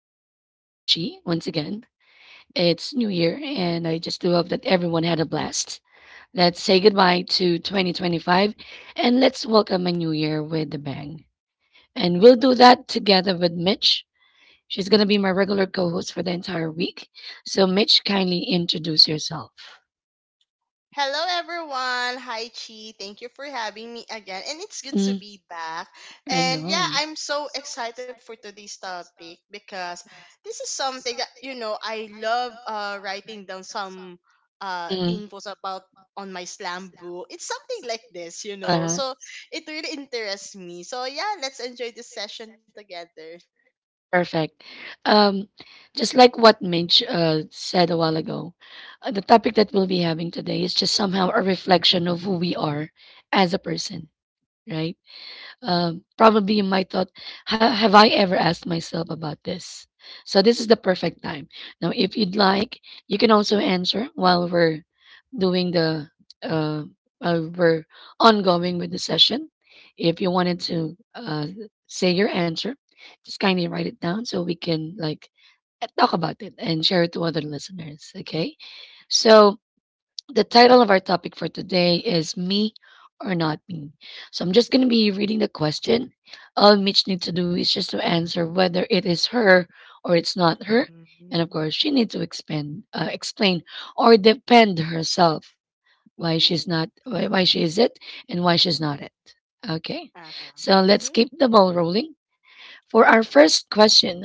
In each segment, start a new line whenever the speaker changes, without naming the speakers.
is Daily Talk with G once again. It's New Year, and I just do hope that everyone had a blast. Let's say goodbye to 2025 and let's welcome a new year with a bang. And we'll do that together with Mitch. She's going to be my regular co host for the entire week. So, Mitch, kindly introduce yourself.
Hello, everyone. Hi, Chi. Thank you for having me again. And it's good to
Mm,
be back.
I
And yeah,
know.
I'm so excited for today's topic because this is something that, I love writing down some
Mm,
infos about on my slam book. It's something like this.
uh-huh.
So it really interests me. So yeah, let's enjoy this session together.
Perfect. Um, just like what Minch said a while ago, the topic that we'll be having today is just somehow a reflection of who we are as a person, right? Probably you might thought, Have I ever asked myself about this? So this is the perfect time. Now, if you'd like, you can also answer while we're doing the uh, while we're ongoing with the session. If you wanted to say your answer, just kindly write it down so we can talk about it and share it to other listeners. Okay, so the title of our topic for today is Me or Not Me. So I'm just going to be reading the question. All Mitch needs to do is just to answer whether it is her or it's not her. And of
Mhm.
course, she needs to expand, explain or defend herself why she's
Ooh.
not, why she is it and why she's not it. Okay.
Uh-huh.
So let's
Mm-hmm.
keep the ball rolling. For our first question,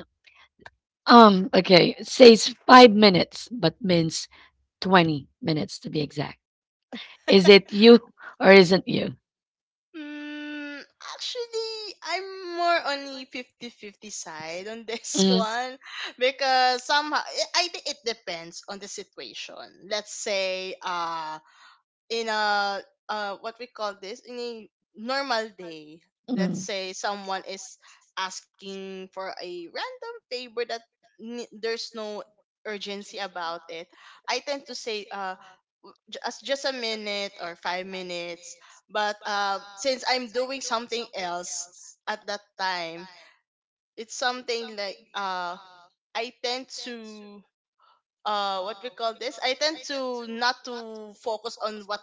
okay, it says 5 minutes, but means 20 minutes to be exact. Is it you or isn't you?
Mm, actually, I'm more on the fifty-fifty side on this
Mm,
one because somehow I think it depends on the situation. Let's say in a what we call this in a normal day,
mm.
let's say someone is asking for a random favor that there's no urgency about it. I tend to say as just a minute or 5 minutes. But since I'm doing something else at that time, it's something like I tend to what we call this. I tend to not to focus on what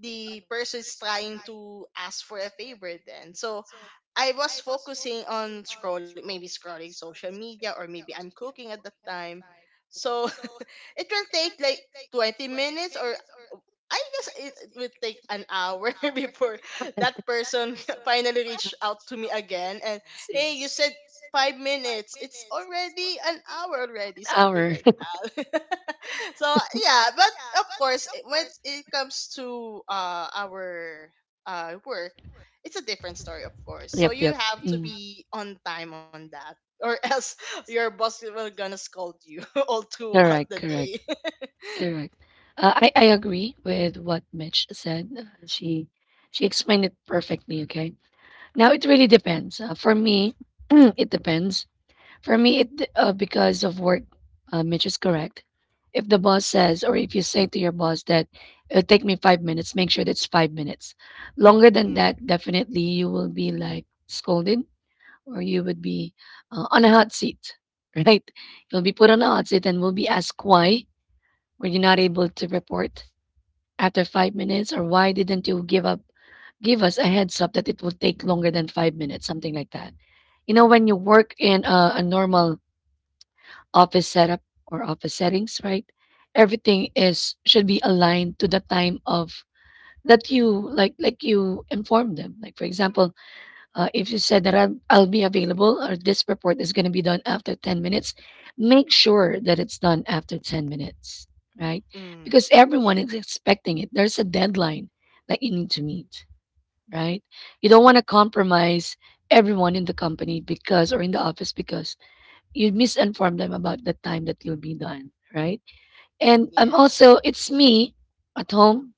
the person is trying to ask for a favor. Then so. I was focusing on scrolling, maybe scrolling social media, or maybe I'm cooking at that time. So it will take like 20 minutes, or I guess it will take an hour before that person finally reached out to me again. And
An
hey, you said 5 minutes. It's already an hour already, something
hour.
like that. So yeah, but of course, when it comes to our work, it's a different story, of course. So
Yep,
you
yep.
have to
Mm.
be on time on that, or else your boss will gonna scold you all throughout
Correct,
the
correct,
day.
correct. I agree with what Mitch said. She explained it perfectly. Okay. Now it really depends. For me, it depends. For me, it because of work, Mitch is correct. If the boss says, or if you say to your boss that it'll take me 5 minutes, make sure that's 5 minutes. Longer than
Mm,
that, definitely you will be like scolded, or you would be on a hot seat, right? You'll be put on a hot seat and will be asked why were you not able to report after 5 minutes, or why didn't you give us a heads up that it would take longer than 5 minutes, something like that. You know, when you work in a normal office setup or office settings, right? Everything is should be aligned to the time of that you like you inform them. Like for example, if you said that I'm, I'll be available or this report is going to be done after 10 minutes, make sure that it's done after 10 minutes, right?
mm,
Because everyone
yeah,
is expecting it. There's a deadline that you need to meet, right? You don't want to compromise everyone in the company because or in the office because you misinform them about the time that you'll be done, right? And I'm
yeah.
also, it's me at home.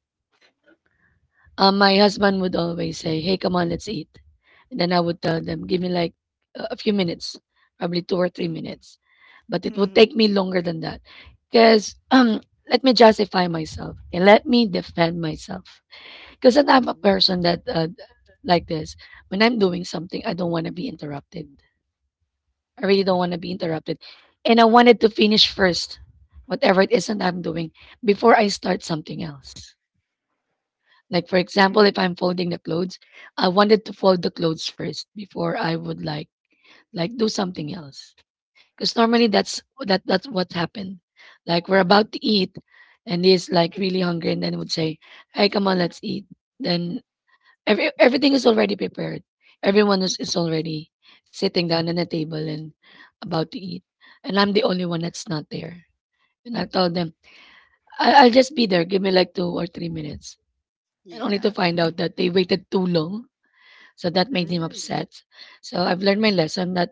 My husband would always say, "Hey, come on, let's eat," and then I would tell them, "Give me like a few minutes, probably 2 or 3 minutes," but it would take
Mm-hmm.
me longer than that, because let me justify myself and let me defend myself, because I'm a person that like this. When I'm doing something, I don't want to be interrupted. I really don't want to be interrupted. And I wanted to finish first, whatever it is that I'm doing, before I start something else. Like, for example, if
Mm-hmm.
I'm folding the clothes, I wanted to fold the clothes first before I would like do something else. Because normally that's that's what happened. Like we're about to eat and he's like really hungry and then would say, "Hey, come on, let's eat." Then everything is already prepared. Everyone is already sitting down on a table and about to eat. And I'm the only one that's not there. And I told them, I'll just be there. Give me like 2 or 3 minutes. And only to
Yeah.
find out that they waited too long. So that made him
Mm,
upset. So I've learned my lesson not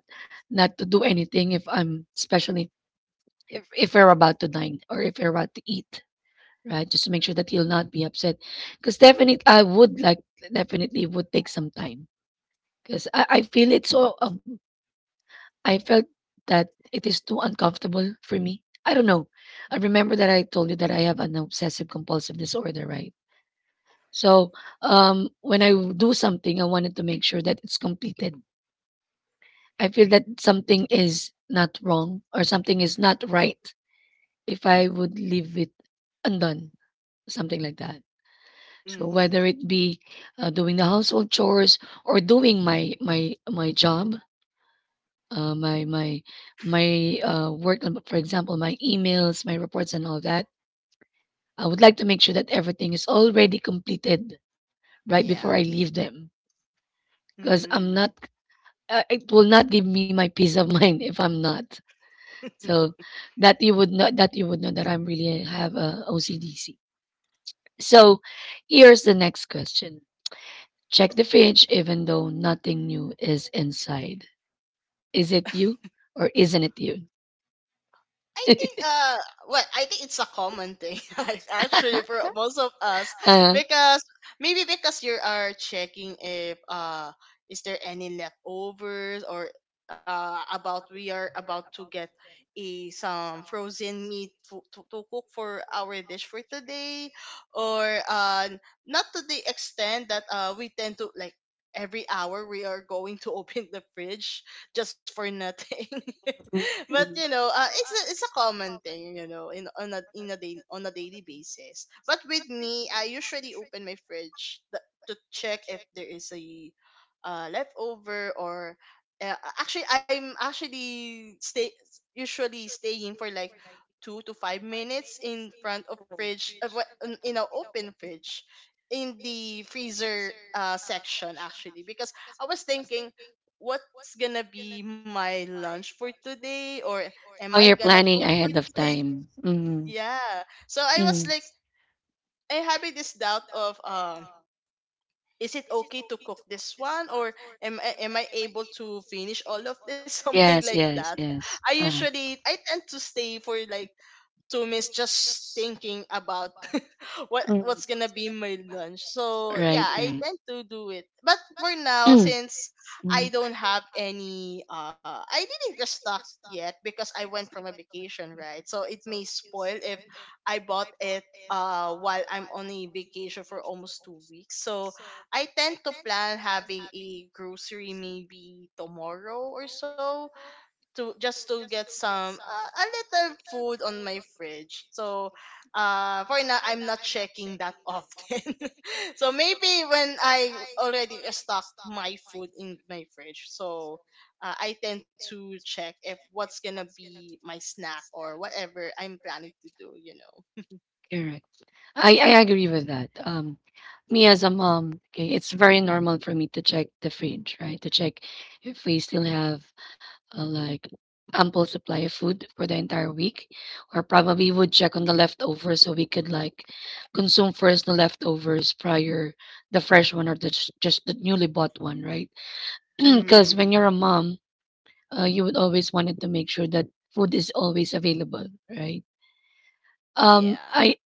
not to do anything if I'm especially if we're about to dine or if we're about to eat. Right? Just to make sure that he'll not be upset. Because definitely would take some time. 'Cause I feel it so, I felt that it is too uncomfortable for me. I don't know. I remember that I told you that I have an obsessive compulsive disorder, right? So, when I do something, I wanted to make sure that it's completed. I feel that something is not wrong or something is not right if I would leave it undone, something like that. So
mm-hmm.
whether it be doing the household chores or doing my job, my my my work on, for example, my emails, my reports, and all that. I would like to make sure that everything is already completed right before
Yeah.
I leave them, because I'm
Mm-hmm.
not. It will not give me my peace of mind if I'm not. So that you would know that you would know that I'm really have a OCDC. So here's the next question: Check the fridge, even though nothing new is inside. Is it you or isn't it you?
I think well I think it's a common thing, like, actually, for most of us,
uh,
because maybe because you are checking if is there any leftovers, or about we are about to get a some frozen meat to cook for our dish for today, or not to the extent that we tend to like every hour we are going to open the fridge just for nothing. But it's a common thing, in on a in a daily on a daily basis. But with me, I usually open my fridge to check if there is a leftover, or actually I'm actually stay usually staying for like 2 to 5 minutes in front of fridge, of what, in an open fridge, in the freezer section, actually, because I was thinking what's gonna be my lunch for today, or am
oh,
I
you're
gonna cook
planning
for
ahead of
today?
time. Mm-hmm.
Yeah. So I was
Mm.
like, I having this doubt of, is it okay to cook this one, or am I able to finish all of this, something
Yes,
like that?
yes, yes. Uh-huh.
I tend to stay for like, to miss, just thinking about what's
Mm.
gonna be my lunch. So yeah,
Right,
I
right.
tend to do it. But for now, since
Mm.
I don't have any, I didn't restock yet, because I went from a vacation, right? So it may spoil if I bought it. While I'm on a vacation for almost 2 weeks, so I tend to plan having a grocery maybe tomorrow or so, to just to get some a little food on my fridge. So for now I'm not checking that often. So maybe when I already stock my food in my fridge, so I tend to check if what's gonna be my snack, or whatever I'm planning to do.
Correct. I agree with that. Me as a mom, okay, it's very normal for me to check the fridge, right? To check if we still have uh, like ample supply of food for the entire week or probably would check on the leftovers so we could consume first the leftovers prior the fresh one or just the newly bought one, right? Because
Mm-hmm.
when you're a mom, you would always wanted to make sure that food is always available, right? um
Yeah.
i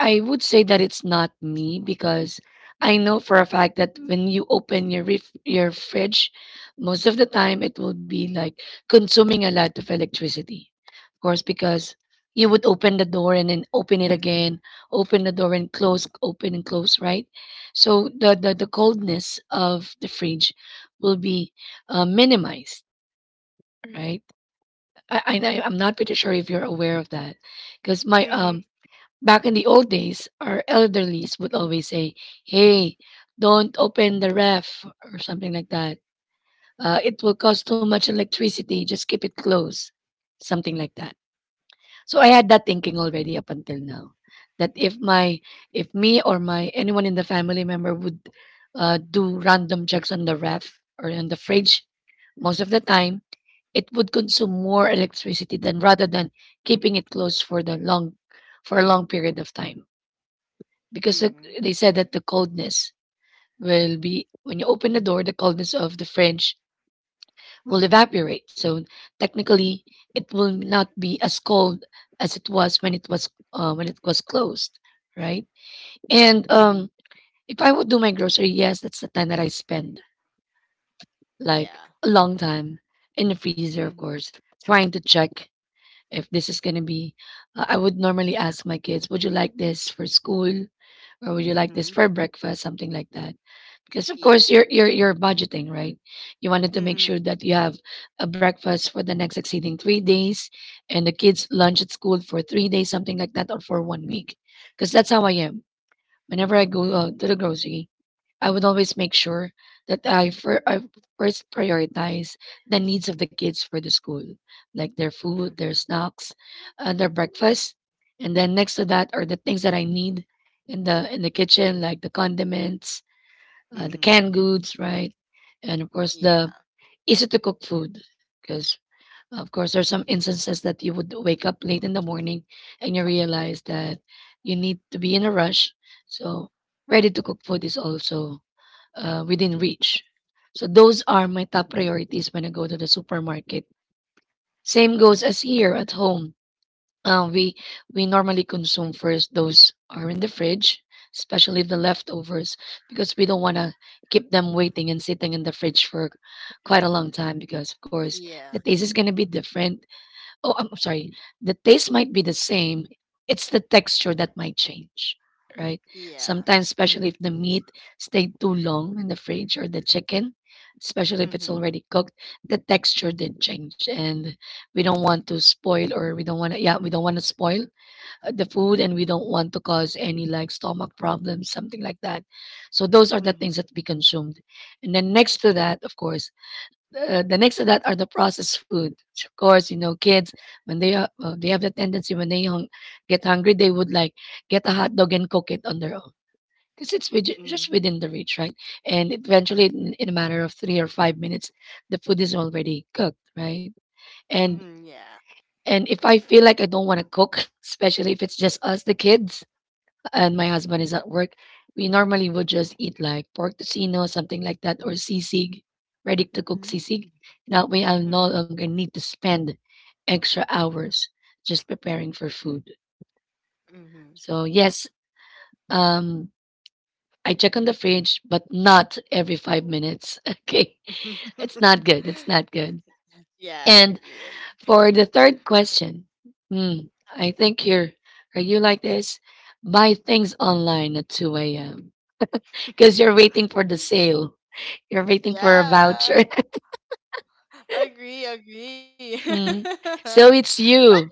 I would say that it's not me because I know for a fact that when you open your fridge, most of the time it will be like consuming a lot of electricity. Of course, because you would open the door and then open it again, open the door and close, open and close, right? So the coldness of the fridge will be minimized, right? I'm not pretty sure if you're aware of that, because my
Mm-hmm.
back in the old days, our elderlies would always say, "Hey, don't open the ref or something like that. It will cost too much electricity. Just keep it closed." Something like that. So I had that thinking already up until now, that if me or my anyone in the family member would do random checks on the ref or on the fridge, most of the time, it would consume more electricity than rather than keeping it closed for the long for a long period of time because
Mm-hmm.
they said that the coldness will be when you open the door, the coldness of the fridge will evaporate, so technically it will not be as cold as it was when it was when it was closed, right? And
Mm-hmm.
if I would do my grocery, yes, that's the time that I spend like
Yeah.
a long time in the freezer, of
Mhm,
course, trying to check if this is going to be I would normally ask my kids, would you like this for school or would you like this
mhm,
for breakfast, something like that, because of course
yeah.
you're budgeting, right? You wanted to make sure
Mhm.
that you have a breakfast for the next succeeding 3 days and the kids lunch at school for 3 days, something like that, or for one week, because that's how I am. Whenever I go
Mhm.
out to the grocery, I would always make sure that I first prioritize the needs of the kids for the school, like their food,
Mhm.
their snacks, their breakfast, and then next to that are the things that I need in the kitchen, like the condiments, the canned
Mhm.
goods, right? And of course, the
Yeah.
easy to cook food, because of course there's some instances that you would wake up late in the morning and you realize that you need to be in a rush. So ready to cook food is also within reach. So those are my
Mhm.
top priorities when I go to the supermarket. Same goes as here at home. Uh, we we normally consume first those are in the fridge, especially the leftovers, because we don't want to keep them waiting and sitting in the fridge for quite a long time. Because of course the
Yeah.
taste is gonna be different. Oh, I'm sorry. The taste might be the same. It's the texture that might change, right?
Yeah.
Sometimes, especially
Mhm.
if the meat stayed too long in the fridge, or the chicken, especially if it's
Mhm.
already cooked, the texture did change. And we don't want to spoil, or we don't want to, yeah, we don't want to spoil the food, and we don't want to cause any like stomach problems, something like that. So those are the things
Mhm.
that we consumed. And then next to that, of course, the next to that are the processed food. Which of course, you know, kids when they are the tendency when they get hungry, they would like get a hot dog and cook it on their own because it's just
Mhm.
within the reach, right? And eventually, in a matter of 3 or 5 minutes, the food is already cooked, right? And
Mhm. Yeah.
and if I feel like I don't want to cook, especially if it's just us, the kids, and my husband is at work, we normally would just eat like pork tocino, something like that, or sisig, ready to cook sisig.
Mhm.
That way, I'll no
Mhm.
longer need to spend extra hours just preparing for food.
Mhm.
So, yes, um, I check on the fridge, but not every 5 minutes. Okay. It's not good. It's not good.
Yeah, I
And
agree. I
for the third question, hmm, are you like this? Buy things online at 2 a.m. because you're waiting for the sale. You're waiting for a
Yeah,
voucher.
agree, agree.
Mm.
but
So it's you.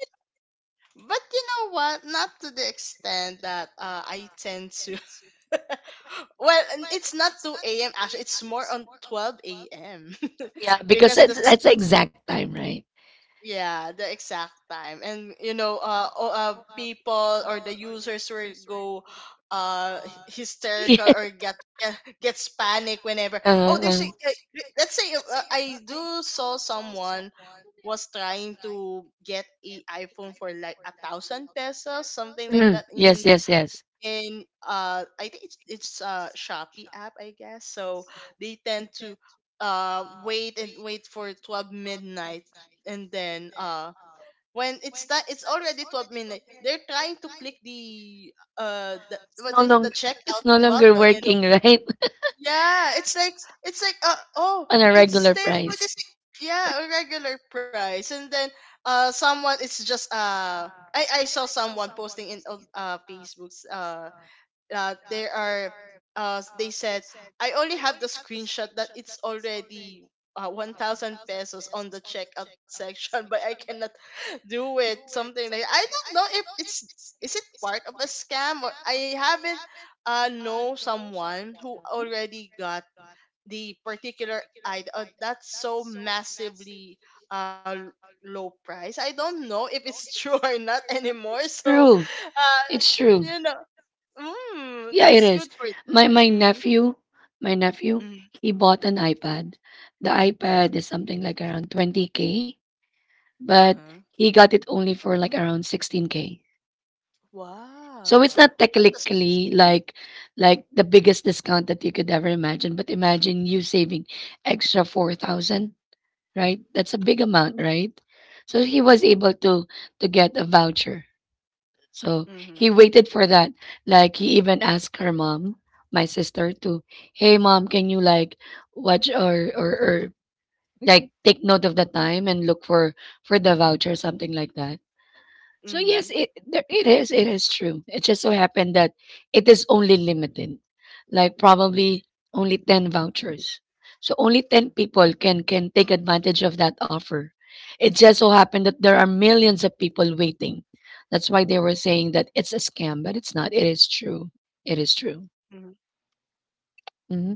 but you know what? Not to the extent that I tend to. Well, it's not two a.m. Actually, it's more on 12 a.m.
Yeah, because
because the.
that's the exact time, right?
Yeah, the exact time. And people or the users will go hysterical,
Yeah.
or gets panic, whenever,
Uh,
oh, there's a,
uh.
let's say, I do saw someone was trying to get a iPhone for like 1,000 pesos, something like
Mm.
that, in
Yes, yes, yes.
I think it's Shopee app, I guess. So they tend to wait and wait for 12 midnight, and then when it's already 12 midnight, they're trying to click the
It's
what
no
is the
longer It's
checkout
no longer
button you know
working, right?
Yeah, it's like, oh,
On a regular
it's there for
price.
this. Yeah, a regular price. And then someone, it's just I saw someone posting in on, Facebooks, there are, they said, I only have the screenshot that it's already 1,000 pesos on the checkout section, but I cannot do it, something like, I don't know if it's is it part of a scam, or I haven't know someone who already got the particular item, that's so massively uh l- low price. I don't know if it's true or not anymore.
It's
So
true.
uh
It's true.
you know
Yeah, it
that's
is.
good for
My
them.
my
Mm,
nephew, my nephew,
mm,
he bought an iPad. The iPad is something like around 20K, but
uh-huh.
he got it only for like around 16K. So it's
Wow.
not
That's a
technically
seed.
like the biggest discount that you could ever imagine, but imagine you saving extra 4,000, right? That's a big amount, right? So he was able to get a voucher, so he
Mm-hmm.
waited for that. Like he even asked her mom, my sister, to, hey mom, can you like watch or like take note of the time and look for the voucher, something like that. So yes,
Mm-hmm.
it is true. It just so happened that it is only limited, like probably only ten vouchers. So only ten people can take advantage of that offer. It just so happened that there are millions of people waiting. That's why they were saying that it's a scam, but it's not. It is true. It is true. Hmm.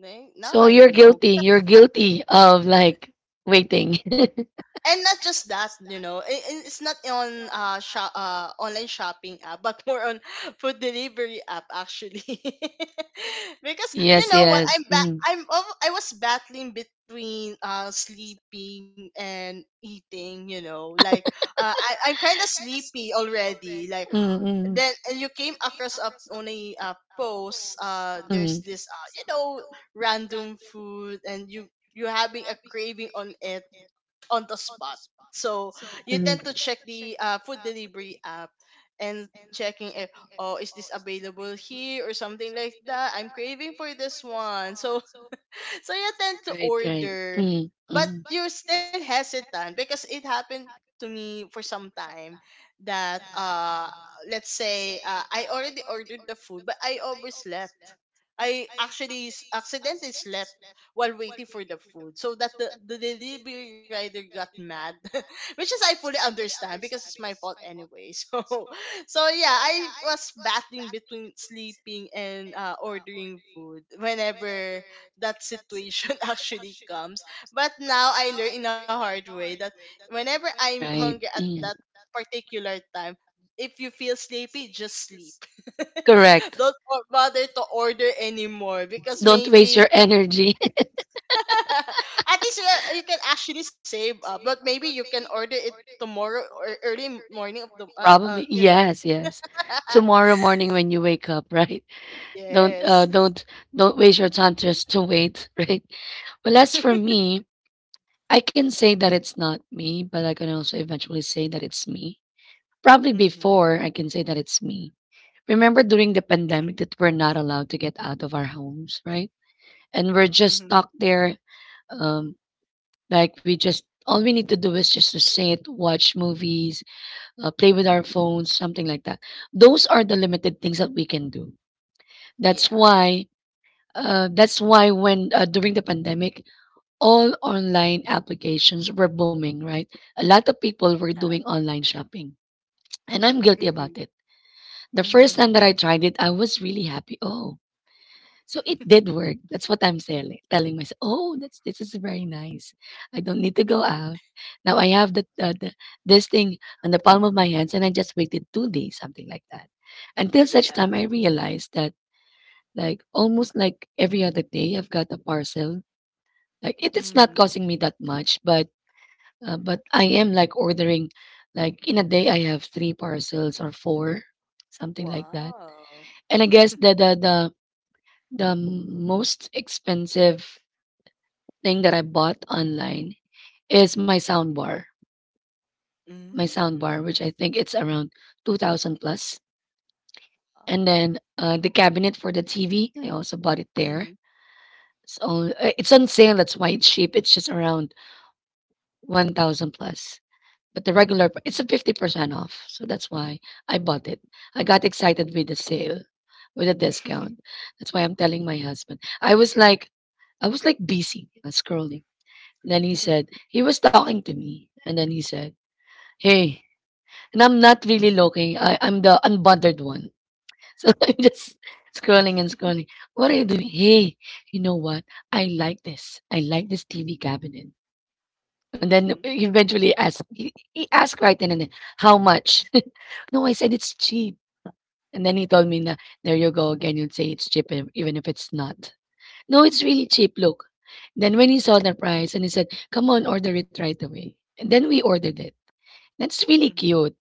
Mm-hmm. Now
So
I
you're
know.
guilty. You're guilty of like waiting.
And not just that, it's not on, online shopping app, but more on food delivery app, actually. Because you
Yes,
know what,
yes.
I'm ba-
Hmm.
I'm al- I was battling between sleeping and eating, like, I'm kind of sleepy already, like then, and you came across up on a, post, there's this random food, and you having a craving on it on the spot. So you tend to
Mm-hmm.
check the food delivery app, and checking if, oh, is this available here, or something like that. I'm craving for this one, so, so you tend to
Right, right.
order,
Mm,
but
mm,
you're still hesitant, because it happened to me for some time that, let's say, I already ordered the food, but I overslept. I actually accidentally slept while waiting for the food, so that the delivery rider got mad, which is, I fully understand, because it's my fault anyway. So yeah, I was battling between sleeping and, ordering food, whenever that situation actually comes. But now I learn in a hard way that whenever I'm hungry
right.
at that
Mm.
particular time, if you feel sleepy, just sleep.
Correct.
Don't bother to order anymore, because
Don't waste your energy.
at least you, can actually save up. But maybe you can order it tomorrow, or early morning of the uh,
Probably.
uh you know.
Yes, yes. Tomorrow morning when you wake up, right? Don't uh
yes.
don't don't waste your time just to wait, right? Well, as for me, I can say that it's not me, but I can also eventually say that it's me. Probably
Mhm.
before I can say that it's me. Remember during the pandemic that we're not allowed to get out of our homes, right? And we're just
Mhm.
stuck there. Um, like we just, all we need to do is just to sit, watch movies, play with our phones, something like that. Those are the limited things that we can do. That's
Yeah.
why. That's why when during the pandemic, all online applications were booming. Right, a lot of people were
Yeah.
doing online shopping, and I'm guilty about
Mhm.
it. The first time
Mhm.
that I tried it, I was really happy. Oh, so it did work. That's what I'm telling myself. Oh, that's, this is very nice. I don't need to go out now. I have the this thing on the palm of my hands, and I just waited 2 days, something like that, until such time
Yeah.
I realized that like almost like every other day I've got a parcel. Like it is not
Mhm.
costing me that much, but I am like ordering, like in a day I have three parcels or four, something like that.
Wow.
And I guess the the most expensive thing that I bought online is my soundbar. My
Mm.
soundbar, which I think it's around 2000 plus. And
Wow.
then the cabinet for the TV, I also bought it there.
Mhm.
So it's on sale, that's why it's cheap. It's just around 1000 plus. But the regular. It's
Mm.
a 50% off. So that's why I bought it. I got excited with the sale, with the discount. That's why I'm telling my husband. I was like busy scrolling. And then he said, he was talking to me. And then he said, hey, and I'm not really looking. I'm the unbothered one. So I'm just scrolling and scrolling. What are you doing? Hey, you know what? I like this. I like this TV cabinet. And then
Mhm.
he eventually asked, he asked right then and then, how much? No, I said it's cheap. And then he told me, na, there you go again. You'd say it's cheap even if it's not. No, it's really cheap. Look. Then when he saw the price, and he said, come on, order it right away. And then we ordered it. That's really
Mhm.
cute.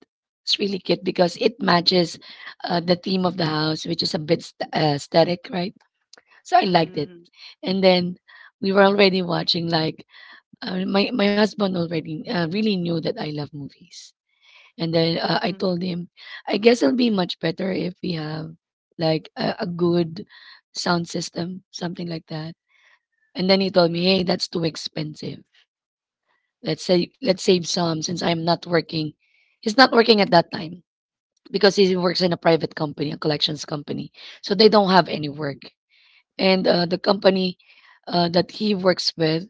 It's really cute because it matches the theme of the house, which is a bit static, right? So I liked it.
Mhm.
And then we were already watching, like, my husband already really knew that I love movies. And then I
Mhm.
told him, I guess it'll be much better if we have like a good sound system, something like that. And then he told me,
Mhm.
hey, that's too expensive. Let's say, let's save some since I'm not working. He's not working at that time because he works in a private company, a collections company. So they don't have any work. And the company that he works with,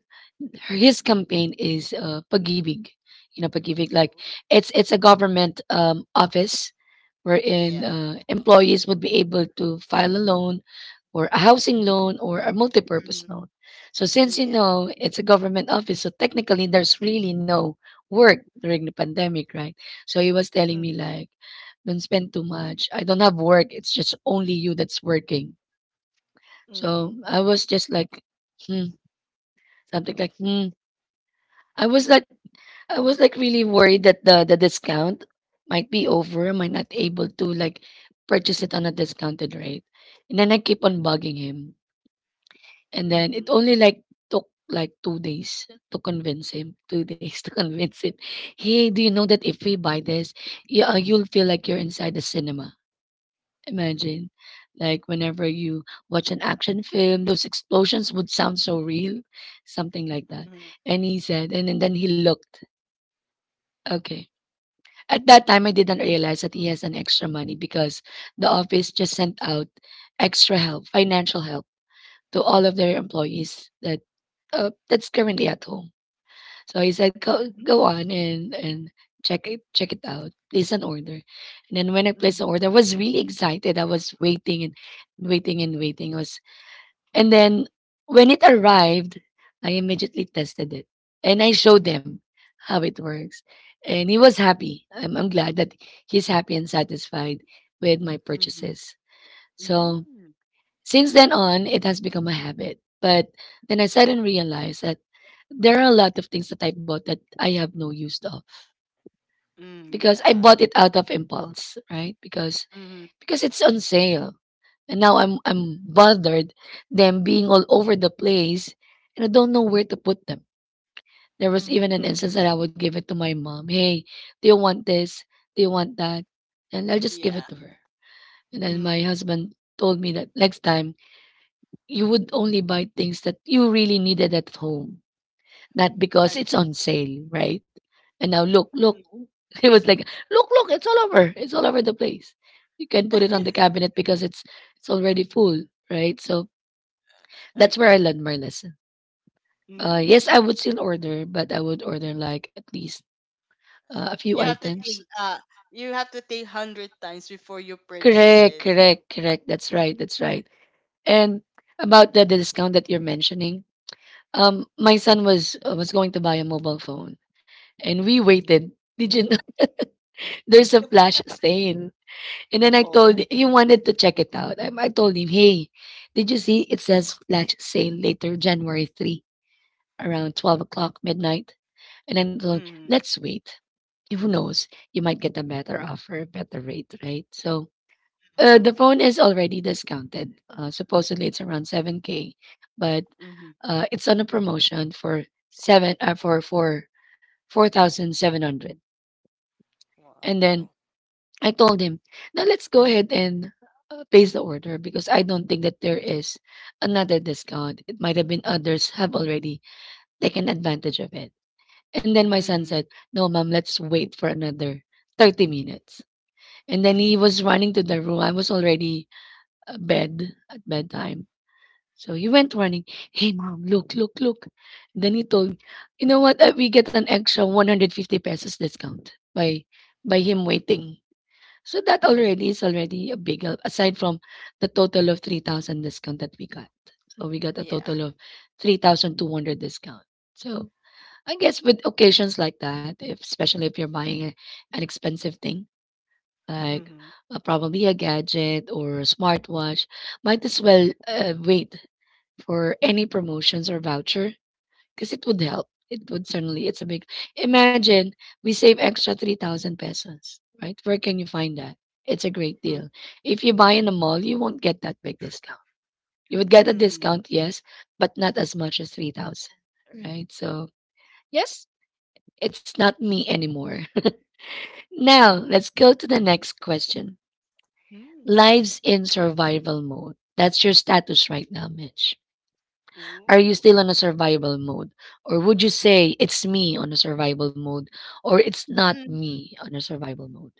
her his campaign is pag, you know, pagibig. Like
Ooh.
it's a government office wherein
Yeah.
employees would be able to file a loan or a housing loan or a multi-purpose
Mhm.
loan. So since you
Yeah.
know it's a government office, so technically there's really no work during the pandemic, right? So he was telling
Mm.
me like, don't spend too much. I don't have work. It's just only you that's working. So
Mhm.
I was just like, hmm, something like, hmm. I was like I was like really worried that the discount might be over. Am I not able to like purchase it on a discounted rate? And then I keep on bugging him. And then it
Mhm.
only like took like 2 days to convince him. 2 days to convince him. Hey, do you know that if we buy this, yeah, you'll feel like you're inside the cinema. Imagine, like whenever you watch an action film, those explosions would sound so real, something like that.
Mhm.
And he said, and then he looked. Okay. At that time, I didn't realize that he has an extra money because the office just sent out extra help, financial help, to all of their employees that that's currently at home. So he said, "Go, go on and check it out. Place an order." And then when I placed the
Mhm.
order, I was really excited. I was waiting and waiting and waiting. I was, and then when it arrived, I immediately tested it and I showed him how it works. And he was happy. I'm glad that he's happy and satisfied with my
Mhm.
purchases. So
Mm.
since then on, it has become a habit. But then I suddenly realized that there are a lot of things that I bought that I have no use of
Mm.
because I
Yeah.
bought it out of impulse, right?
Mhm.
Because it's on sale, and now I'm bothered them being all over the place, and I don't know where to put them. There was even an
Mhm.
instance that I would give it to my mom. Hey, do you want this? Do you want that? And I'll just give it
Yeah.
to her. And then my
Mhm.
husband told me that next time you would only buy things that you really needed at home, not because
I
it's on sale, right? And now look,
mm.
look. He was like, look, look, it's all over. It's all over the place. You can put it on the cabinet because it's already full, right? So that's where I
agree.
learned my lesson. Yes, I
Mm.
would still order, but I would order like at least a
You
few
have to think.
items.
You have to think 100 times before you purchase
Correct,
it.
correct, correct. That's right, that's right. And about the discount that you're mentioning, my son was going to buy a mobile phone, and we
Mm.
waited. Did you know there's a flash sale. And then I told
Oh.
he wanted to check it out. I told him, hey, did you see it says flash sale later January 3? Around 12 o'clock midnight. And then told,
Mm.
let's wait. Who knows? You might get a better offer, better rate, right? So the phone is already discounted. Supposedly it's around 7K, but
Mm.
it's on a promotion for seven for 4,700. And
Wow.
then I told him, now let's go ahead and place the order because I don't think that there is another discount. It might have been others have already taken advantage of it. And then my son
Mhm.
said, no, mom, let's wait for another 30 minutes. And then he was running to the room. I was already bed at bedtime. So he went running. Hey, mom, look, look, look. Then he told, you know what? We get an extra 150 pesos discount by him waiting. So that already is already a big help, aside from the total of 3,000 discount that we got. So we got a
Yeah.
total of 3,200 discount. So I guess with occasions like that, if, especially if you're buying an expensive thing, like
Mhm.
probably a gadget or a smartwatch, might as well wait for any promotions or voucher because it would help. It would certainly, it's a big, imagine we save extra 3,000 pesos, right? Where can you find that? It's a great
Mm,
deal. If you buy in a mall, you won't get that big discount. You would get a
mhm.
discount, yes, but not as much as 3,000, right? So, yes, it's not me anymore. Now, let's go to the next question.
Mm.
Lives in survival mode. That's your status right now, Mitch. Are you still on a survival mode? Or would you say it's me on a survival mode or it's not
Ooh.
me on a survival mode?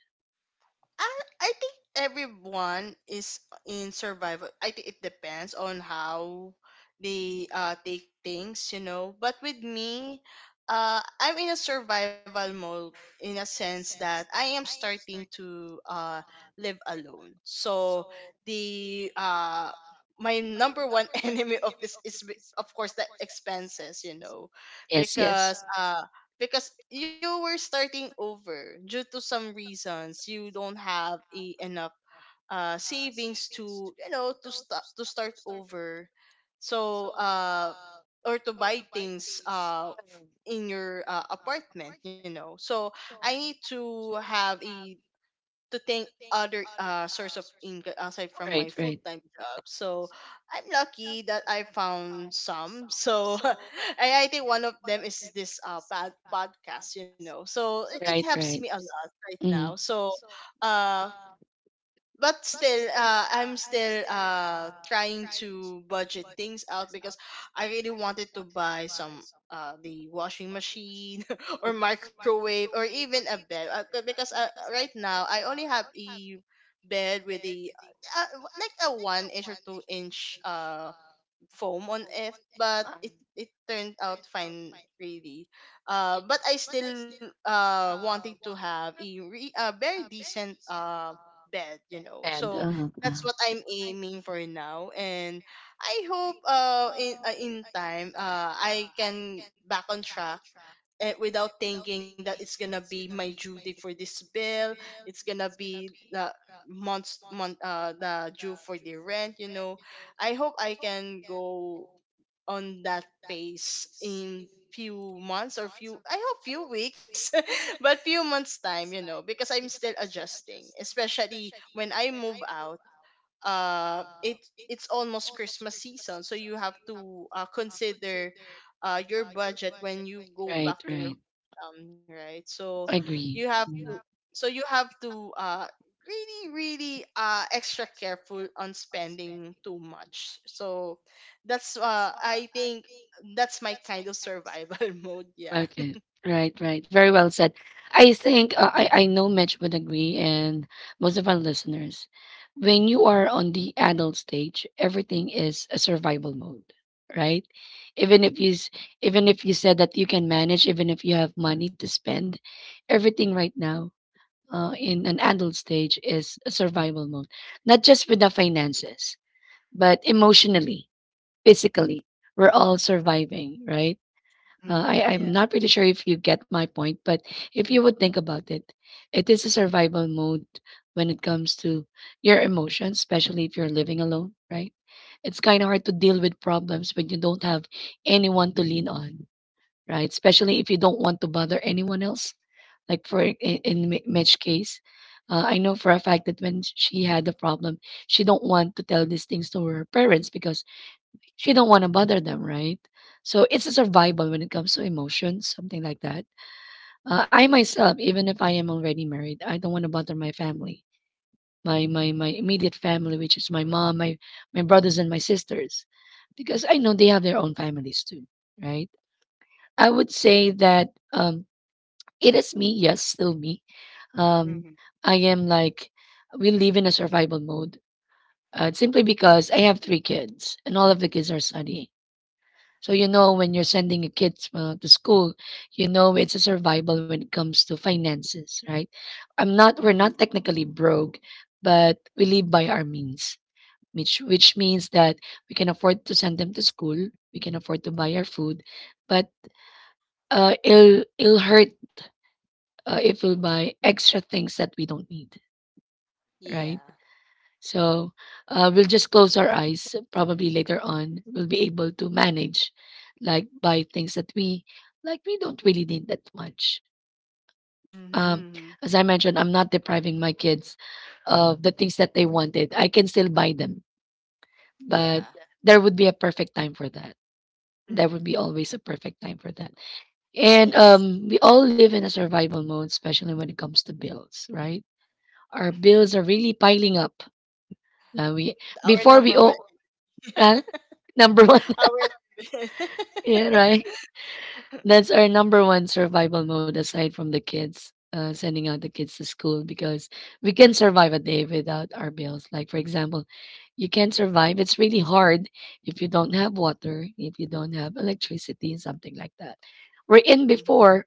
I I think everyone is in survival. I think it depends on how they take things. But with me, I'm in a survival mode in a sense that I am starting to live alone. So the my number one enemy of this is, of course, the expenses,
Yes, yes.
because uh because you were starting over due to some reasons. You don't have enough savings to you know to start over, so or to buy things in your apartment, so. I need to have a to think other source of income aside from my
Right, right.
full-time job, so I'm lucky that I found some, so I think one of them is this podcast, so it
Right,
helps me a
right.
lot right now.
Mm-hmm.
So uh but still I'm still trying to budget things out, because I really wanted to buy some, the washing machine, or microwave, or even a bed, because right now I only have a bed with a, uh, like a 1 inch or 2 inch foam on it, but it turned out fine, really. But I still wanted to have a very decent bed.
Bad.
So that's what I'm aiming for now, and I hope in time I can back on track, without thinking that it's gonna be my duty for this bill. It's gonna be the month, the due for the rent, you know. I hope I can go on that phase in few months or few, I hope few weeks, but few months time, you know, because I'm still adjusting, especially when I move out. It it's almost Christmas season, so you have to consider your budget when you go back
Right,
to your
right.
hometown, right? So you
Agree.
have to,
Mm.
so you have to really, really extra careful on spending too much. So that's, I think that's my kind of survival mode, yeah.
Okay. Right, right. Very well said. I think I know Mitch would agree, and most of our listeners. When you are on the adult stage, everything is a survival mode, right? Even if you s- Even if you said that you can manage, even if you have money to spend, everything right now in an adult stage is a survival mode, not just with the finances, but emotionally, physically. We're all surviving, right? I'm
Yeah.
not pretty sure if you get my point, but if you would think about it, it is a survival mode when it comes to your emotions, especially if you're living alone, right? It's kind of hard to deal with problems when you don't have anyone to lean on, right? Especially if you don't want to bother anyone else. Like for in Mitch's case, I know for a fact that when she had the problem, she don't want to tell these things to her parents because she don't want to bother them, right? So it's a survival when it comes to emotions, something like that. I myself, even if I am already married, I don't want to bother my family, my immediate family, which is my mom, my brothers and my sisters, because I know they have their own families too, right? I would say that it is me, yes, still me. Um,
Hmm.
I am like, we live in a survival mode simply because I have three kids and all of the kids are studying. So, you know, when you're sending your kids to school, you know it's a survival when it comes to finances, right? I'm not, we're
Hmm.
not technically broke, but we live by our means, which means that we can afford to send them to school, we can afford to buy our food, but it'll hurt if we'll buy extra things that we don't need, right?
Yeah.
So we'll just close our eyes. Probably later on, we'll be able to manage, like buy things that we like we don't really need that much. Um,
Mm-hmm,
as I mentioned, I'm not depriving my kids of the things that they wanted. I can still buy them, but
yeah.
there would be a perfect time for that. There would be
Hmm.
always a perfect time for that. And
Yes.
we all live in a survival mode, especially when it comes to bills, right? Our bills are really piling up. We
Our
before we
number one.
owe uh, number one,
Our.
yeah, right. That's our number one survival mode aside from the kids. Sending out the kids to school because we can survive a day without our bills. Like for example, you can't survive. It's really hard if you don't have water, if you don't have electricity, something like that. We're in
Hmm.
before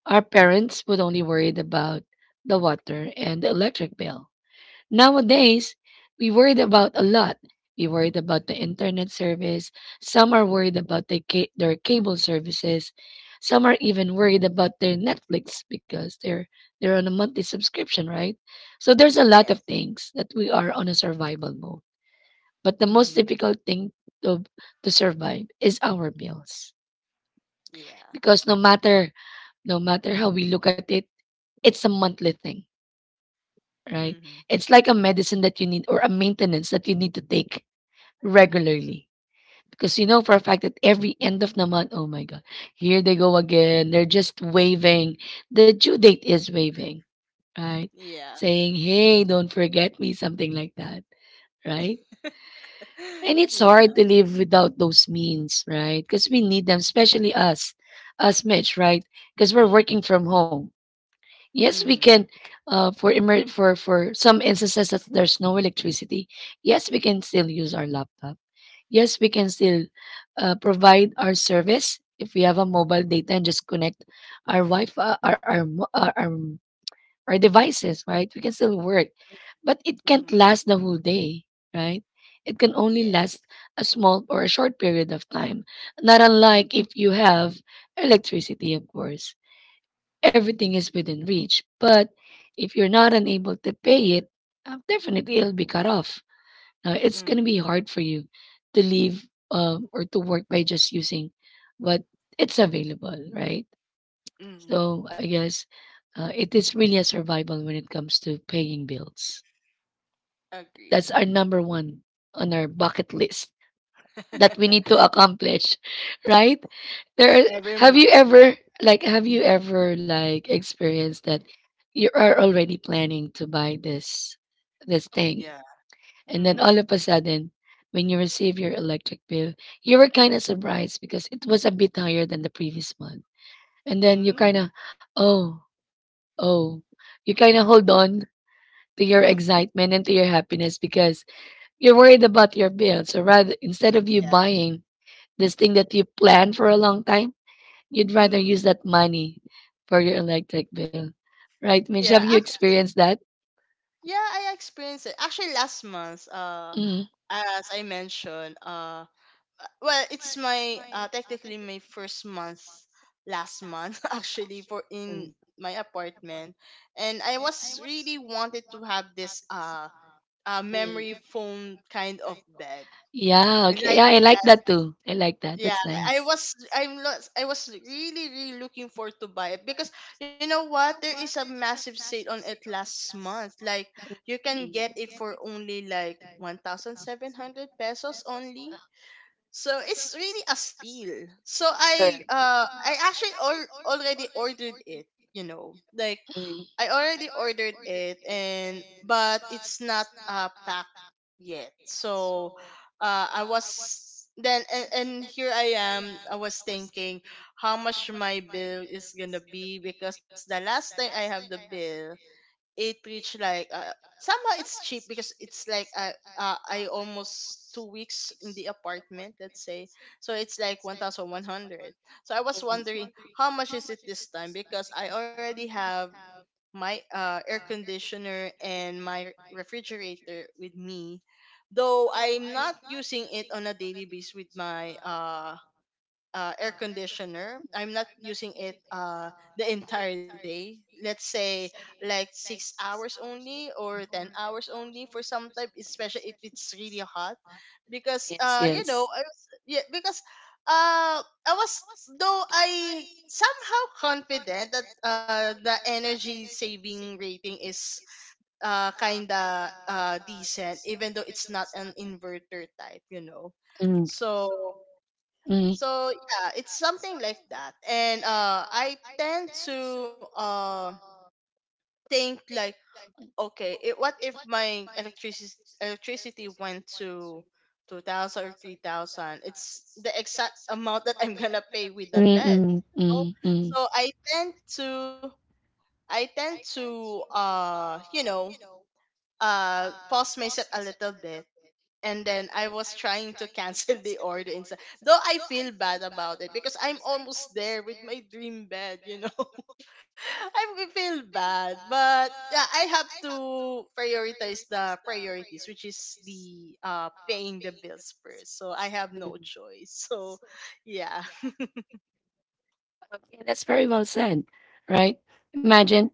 our parents would only worried about the water and the electric bill.
Hmm.
Nowadays, we worried about a lot. We worried about the internet service. Some are worried about the their cable services. Some are even worried about their Netflix because they're on a monthly subscription, right? So there's a lot
Yes.
of things that we are on a survival mode. But the most
Hmm.
difficult thing to to survive is our bills
Yeah.
because no matter how we look at it, it's a monthly thing, right?
Hmm.
It's like a medicine that you need or a maintenance that you need to take regularly. Because you know for a fact that every end of the month, oh my God, here they go again. They're just waving. The due date is waving, right?
Yeah.
Saying, hey, don't forget me, something like that, right? And it's
Yeah.
hard to live without those means, right? Because we need them, especially us, us Mitch, right? Because we're working from home.
Hmm.
Yes, we
Hmm.
can, for some instances that there's no electricity. Yes, we can still use our laptop, yes, we can still provide our service if we have a mobile data and just connect our Wi-Fi, our mo- our devices, right? We can still work, but it can't last the whole day, right? It can only
Yeah.
last a small or a short period of time. Not
Mm-hmm.
unlike if you have electricity, of course. Everything is within reach, but if you're not unable to pay it, definitely it'll be cut off, it's going to be hard for you to leave or to work by just using what it's available, right?
Hmm.
So I guess it is really a survival when it comes to paying bills.
Agree.
That's our
Agree.
number one on our bucket list that we need to accomplish, right? There are,
Every
have
month.
you
Yeah.
ever like have you ever like experienced that you are already planning to buy this thing.
Yeah.
And then all
Hmm.
of a sudden, when you receive your electric bill, you were kind of surprised because it was a bit higher than the previous month. And then you kind
mm
of, oh, oh, you kind of hold on to your excitement and to your happiness because you're worried about your bill. So rather, instead of you
yeah.
buying this thing that you planned for a long time, you'd rather
Hmm.
use that money for your electric bill. Right,
Yeah.
Mitch? Have you
Actually,
experienced that?
yeah, I experienced it. Actually, last month,
Mm.
as I mentioned, well it's my, technically my first month last month actually for in my apartment, and I was really wanted to have this, memory foam kind of bed
Yeah, okay.
like.
Yeah, I like
Yes.
that too. I like that.
Yeah.
That's
i
nice.
was i'm not i was really, really looking forward to buy it because, you know what, there is a massive sale on it last month, like you can get it for only like 1700 pesos only. So it's really a steal. So I actually already ordered it, you know. Like
Mm.
I already ordered it, and but it's not packed yet. So I was, then and here I am, I was thinking how much my bill is going to be, because the last time I have the bill, it reached like, somehow it's cheap because it's like, I almost 2 weeks in the apartment, let's say. So it's like 1,100. So I was wondering how much is it this time, because I already have my air conditioner and my refrigerator with me. Though I'm not using it on a daily basis with my air conditioner. I'm not using it the entire day. Let's say like 6 hours only, or 10 hours only for some type, especially if it's really hot, because,
Yes,
you know,
yes.
I was, yeah, because, I was though I somehow confident that the energy saving rating is kinda decent, even though it's not an inverter type, you know. So,
Mm.
so yeah, it's something like that. And I tend to think like, okay, it, what if my electricity went to 2000 or 3000? It's the exact amount that I'm gonna pay with the
Mm,
bed,
mm,
you know?
mm.
So I tend to you know, pause myself a little bit, and then I was trying to cancel the order instead. Though I feel bad about it because I'm almost there with my dream bed, you know. I feel bad, but yeah, I have to prioritize the priorities, which is the paying the bills first. So I have no choice. So yeah,
Okay, that's very well said, right? Imagine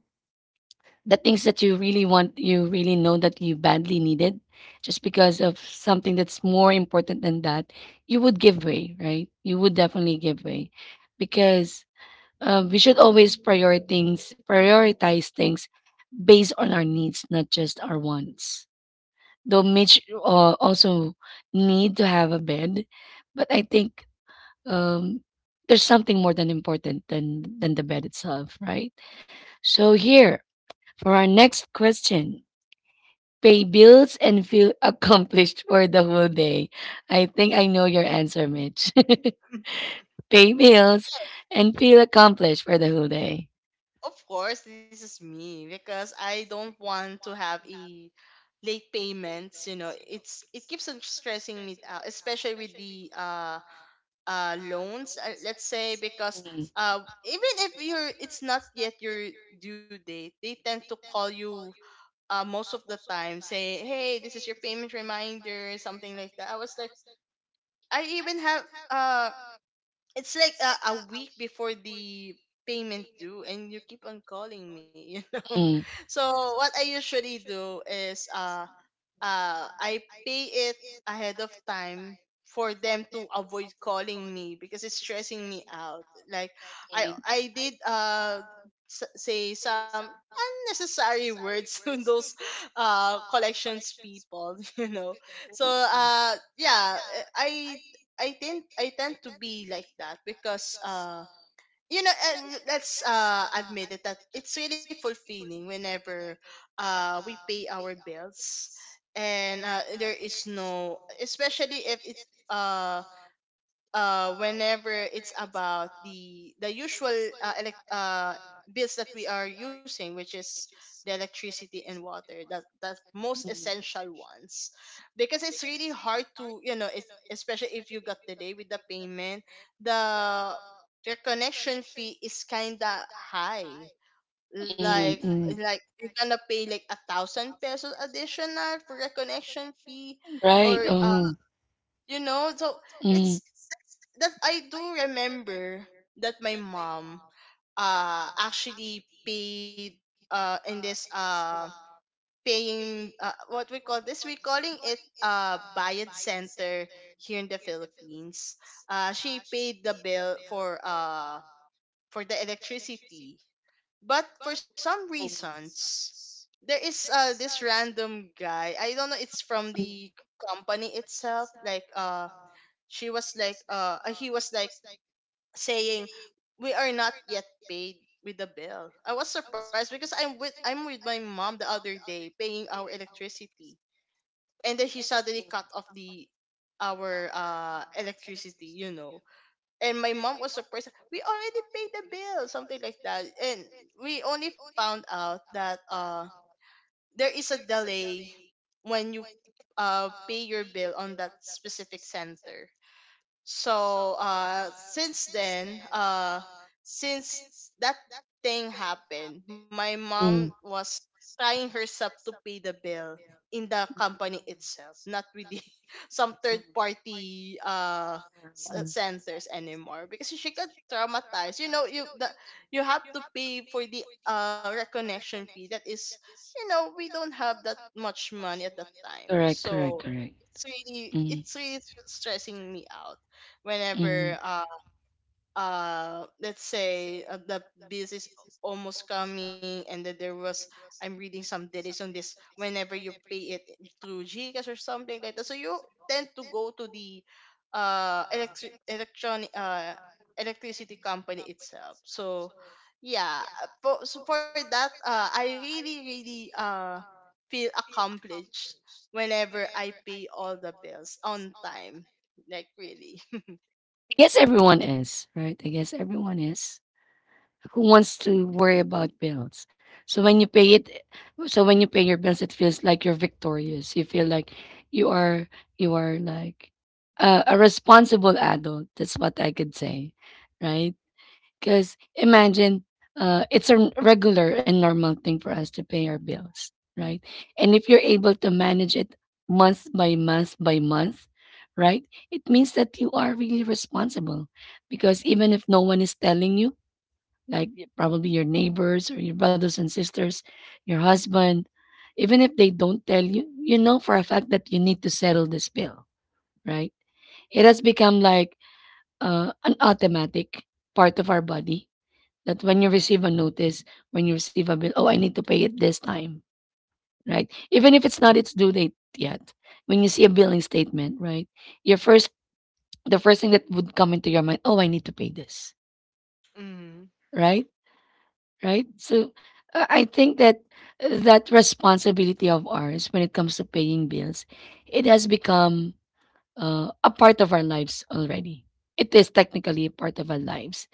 the things that you really want, you really know that you badly needed, just because of something that's more important than that, you would give way, right? You would definitely give way, because we should always prioritize things based on our needs, not just our wants. Though Mitch also need to have a bed, but I think um, there's something more than important than the bed itself, right? So here for our next question. Pay bills and feel accomplished for the whole day. I think I know your answer, Mitch. Pay bills and feel accomplished for the whole day.
of course, this is me, because I don't want to have a late payments. You know, it's, it keeps on stressing me out, especially with the loans, let's say, because even if you're, it's not yet your due date, they tend to call you most of the time, say hey, this is your payment reminder, something like that. I was like, I even have, uh it's like a week before the payment due and you keep on calling me. You know.
Mm,
So what I usually do is, I pay it ahead of time, for them to avoid calling me, because it's stressing me out. Like I did, say some unnecessary words to those collections people, you know. So yeah, I tend to be like that, because you know, let's admit it, that it's really fulfilling whenever we pay our bills, and there is no, especially if it's, whenever it's about the usual uh, elect- uh bills that we are using, which is the electricity and water, that the most
mm,
essential ones. Because it's really hard to, you know, it's, especially if you got delay with the payment, the, your connection fee is kind of high, like
mm, mm.
like you're gonna pay like 1,000 pesos additional for a connection fee,
Right.
or you know. So
Hmm.
it's, that's, that I do remember, that my mom actually paid in this, paying, what we call this, we calling it bayad center here in the Philippines. She paid the bill for, for the electricity, but for some reasons, there is this random guy, I don't know, it's from the company itself. Like, she was like he was like saying we are not yet paid with the bill. I was surprised because I'm with, I'm with my mom the other day paying our electricity, and then she suddenly cut off the, our electricity, you know. And my mom was surprised, we already paid the bill, something like that. And we only found out that there is a delay when you pay your bill on that specific center. So since then, since that thing happened, my mom was trying herself to pay the bill in the company itself, not with the, some third party centers anymore, because she got traumatized, you know. You the, you have to pay for the reconnection fee, that is, you know, we don't have that much money at that time.
Correct, correct,
So
correct.
it's really,
Mm,
it's really stressing me out
mm.
whenever, let's say, the bill is almost coming, and then there was, I'm reading some delays on this whenever you pay it through GCash or something like that. So you tend to go to the uh electric electronic uh electricity company itself. So yeah, for so for that, I really, really feel accomplished whenever I pay all the bills on time, like really.
I guess everyone is, right? I guess everyone is. Who wants to worry about bills? So when you pay it, so when you pay your bills, it feels like you're victorious. You feel like you are, you are like a responsible adult. That's what I could say, right? Because imagine it's a regular and normal thing for us to pay our bills, right? And if you're able to manage it month by month by month, right, it means that you are really responsible. Because even if no one is telling you, like probably your neighbors or your brothers and sisters, your husband, even if they don't tell you, you know for a fact that you need to settle this bill, right? It has become like an automatic part of our body that when you receive a notice, when you receive a bill, oh, I need to pay it this time, right? Even if it's not its due date yet, when you see a billing statement, right? Your first, the first thing that would come into your mind, oh, I need to pay this,
Mhm.
right? Right? So I think that that responsibility of ours when it comes to paying bills, it has become a part of our lives already. It is technically a part of our lives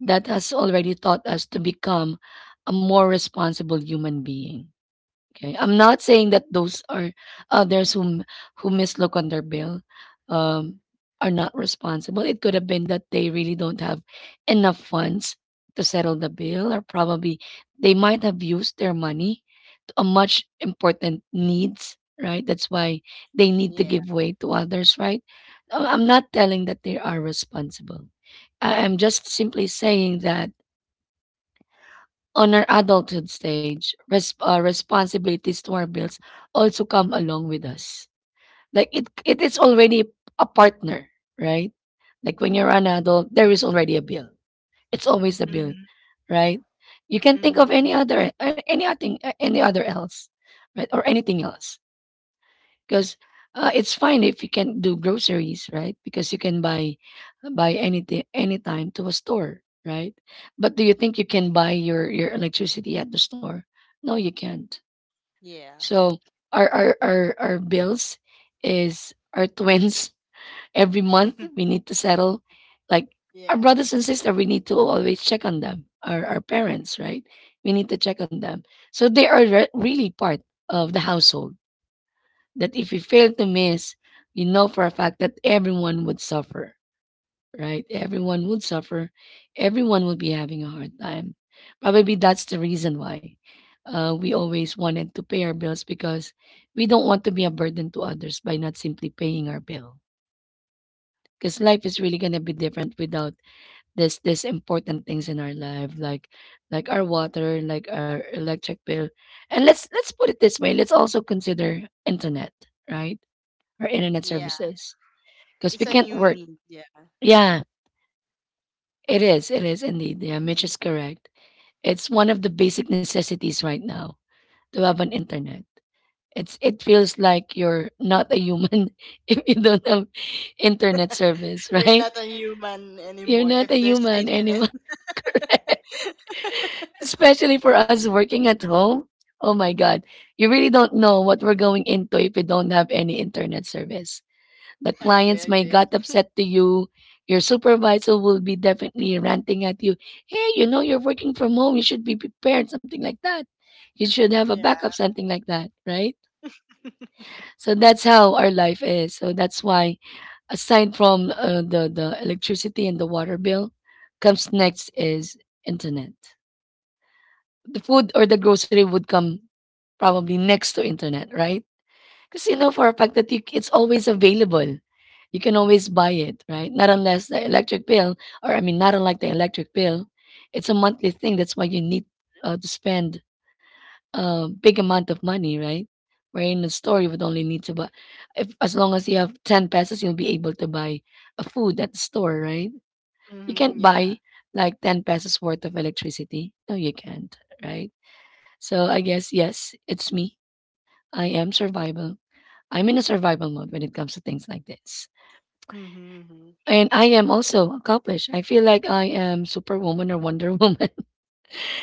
that has already taught us to become a more responsible human being. Okay, I'm not saying that those are others whom who mislook on their bill um, are not responsible. It could have been that they really don't have enough funds to settle the bill, or probably they might have used their money to a much important needs. Right, that's why they need to
Yeah.
give way to others. Right, I'm not telling that they are responsible. I'm just simply saying that on our adulthood stage, responsibilities to our bills also come along with us. Like it is already a partner, right? Like when you're an adult, there is already a bill. It's always a bill,
Mhm.
right? You can think of
Mhm.
any other, any other else, right, or anything else because it's fine if you can do groceries, right? Because you can buy anything anytime to a store, right? But do you think you can buy your electricity at the store? No, you can't.
Yeah.
So our bills is our twins. Every month we need to settle, like our
Yeah.
brothers and sisters we need to always check on them, our parents, right? We need to check on them. So they are really part of the household, that if you fail to miss, you know for a fact that everyone would suffer, right? Everyone would suffer. Everyone would be having a hard time. Probably that's the reason why we always wanted to pay our bills, because we don't want to be a burden to others by not simply paying our bill. Because life is really gonna be different without this important things in our life, like our water, like our electric bill, and let's put it this way. Let's also consider internet, right? Or internet
Yeah.
services because
It's
we
a
can't
new
work.
need. Yeah.
Yeah, it is. It is indeed. Yeah,
Mhm.
Mitch is correct. It's one of the basic necessities right now to have an internet. It feels like you're not a human if you don't have internet service,
You're
right?
not a human
You're
anymore
not
if
a
there's
human
Satan.
anymore.
In-
Especially for us working at home. Oh my god. You really don't know what we're going into if we don't have any internet service. The
Agree.
clients might
Agree.
got upset to you. Your supervisor will be definitely ranting at you. Hey, you know you're working from home. You should be prepared. Something like that. You should have a backup.
Yeah.
Something like that, right? So that's how our life is. So that's why, aside from the electricity and the water bill, comes next is internet. The food or the grocery would come probably next to internet, right? Because you know for a fact that it's always available. You can always buy it, right? Not unlike the electric bill, it's a monthly thing. That's why you need to spend a big amount of money, right? Where in the store you would only need to buy, if as long as you have ten pesos, you'll be able to buy a food at the store, right? You
Mhm.
can't
Yeah.
buy like ten pesos worth of electricity. No, you can't, right? So I guess yes, it's me. I am survival. I'm in a survival mode when it comes to things like this.
Mhm. Mhm.
And I am also accomplished. I feel like I am Superwoman or Wonder Woman,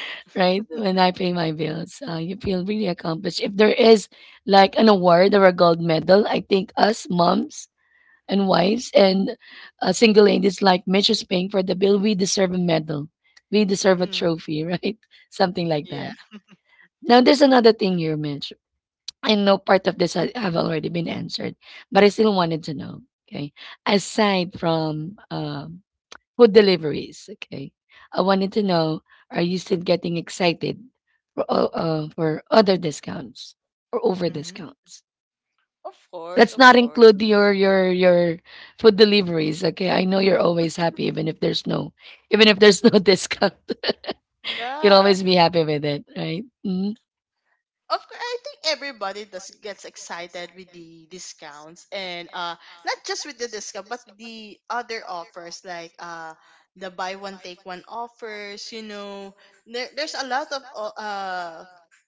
right? When I pay my bills, you feel really accomplished. If there is like an award or a gold medal, I think us moms and wives and single ladies like Mitch is paying for the bill, we deserve a medal. We deserve a
Mm.
trophy, right? Something like
Yeah.
that. Now, there's another thing here, Mitch. I know part of this have already been answered, but I still wanted to know. Okay, aside from food deliveries, okay, I wanted to know: are you still getting excited for for other discounts or over
Mhm.
discounts?
Of course.
Let's
Of
not
course.
include your food deliveries. Okay, I know you're always happy even if there's no discount. You'll
Yeah.
always be happy with it, right? Hmm.
Of course, I think everybody does gets excited with the discounts, and not just with the discount, but the other offers, like the buy one take one offers, you know. There's a lot of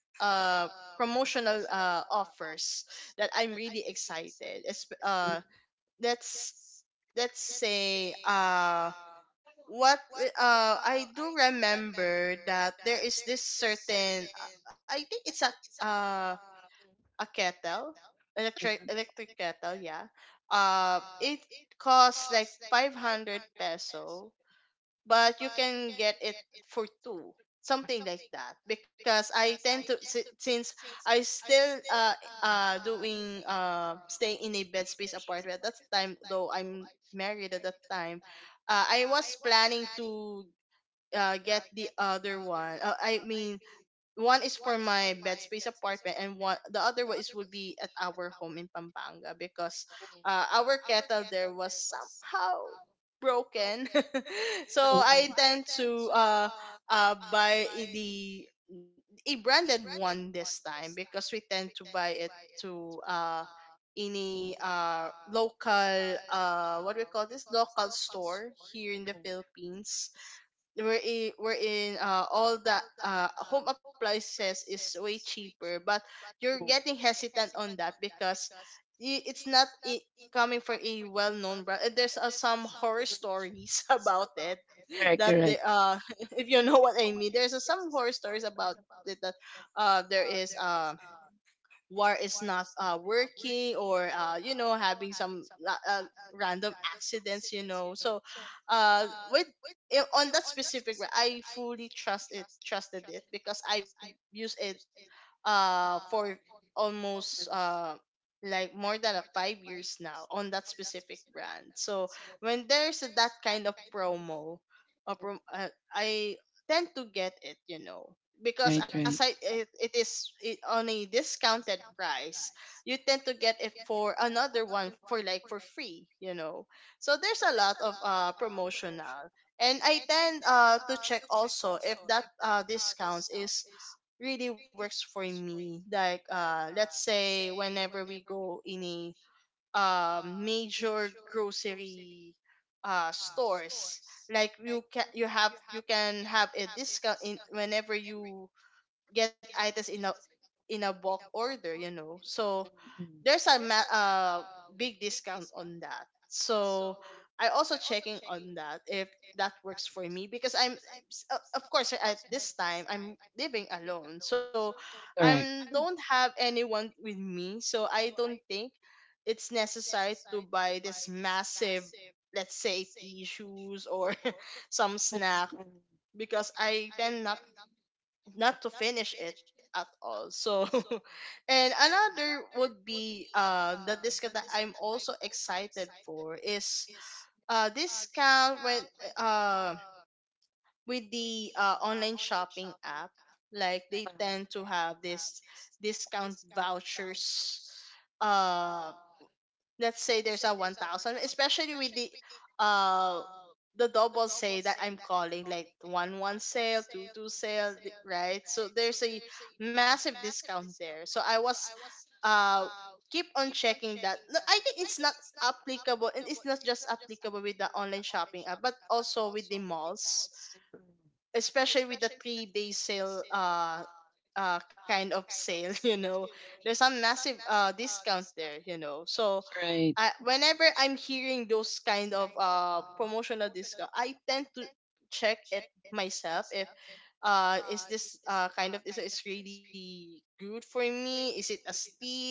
uh, promotional offers that I'm really excited. Let's let's say, what I do remember that there is this certain, I think it's a, uh, a kettle, electric kettle, yeah. It costs like 500 peso, but you can get it for two, something like that. Because I tend to, since I still doing staying in a bed space apartment at that time, though I'm married at that time, I was planning to get the other one. I mean, one is for my bed space apartment, and one, the other one is would be at our home in Pampanga, because our kettle there was somehow broken. So I tend to buy I- the a branded one this time, because we tend to buy it to any local, what do we call this, local store here in the Philippines, wherein all the home appliances is way cheaper, but you're getting hesitant on that because it's not, I coming from a well-known brand, and there's some horror stories about it,
Correct,
that the if you know what I mean. There's some horror stories about it, that there is war is not working, or you know, having some random accidents, you know. So with on that specific I fully trusted it, because I use it for almost, like more than a 5 years now on that specific brand. So when there's that kind of promo, I tend to get it, you know, because
right,
aside
right,
on a discounted price, you tend to get it for another one for like for free, you know. So there's a lot of promotional, and I tend to check also if that discounts is really works for me. Like, let's say, whenever we go in a major grocery stores, like you can, you have, you can have a discount in whenever you get items in a, in a bulk order, you know. So there's a big discount on that. So I also checking on that if that works for me because I'm of course at this time I'm living alone. So
correct.
I don't have anyone with me. So I don't think it's necessary to buy this massive, let's say, tissues or some snack because I tend not to finish it at all. So, and another would be the discount that I'm also excited for is discount when uh, with the online shopping app. Like they tend to have this discount vouchers. Um, let's say there's a 1000, especially with the uh the double say that I'm calling, like, one one sale, two two sale right? So there's a massive discount there. So I was, uh keep on checking that. No, I think it's not applicable, and it's not just applicable with the online shopping app but also with the malls, especially with the 3 day sale, kind of sale. You know, there's a massive discount there, you know. So
Right,
I, whenever I'm hearing those kind of promotional discount, I tend to check it myself if is this kind of is really good for me? Is it a steal?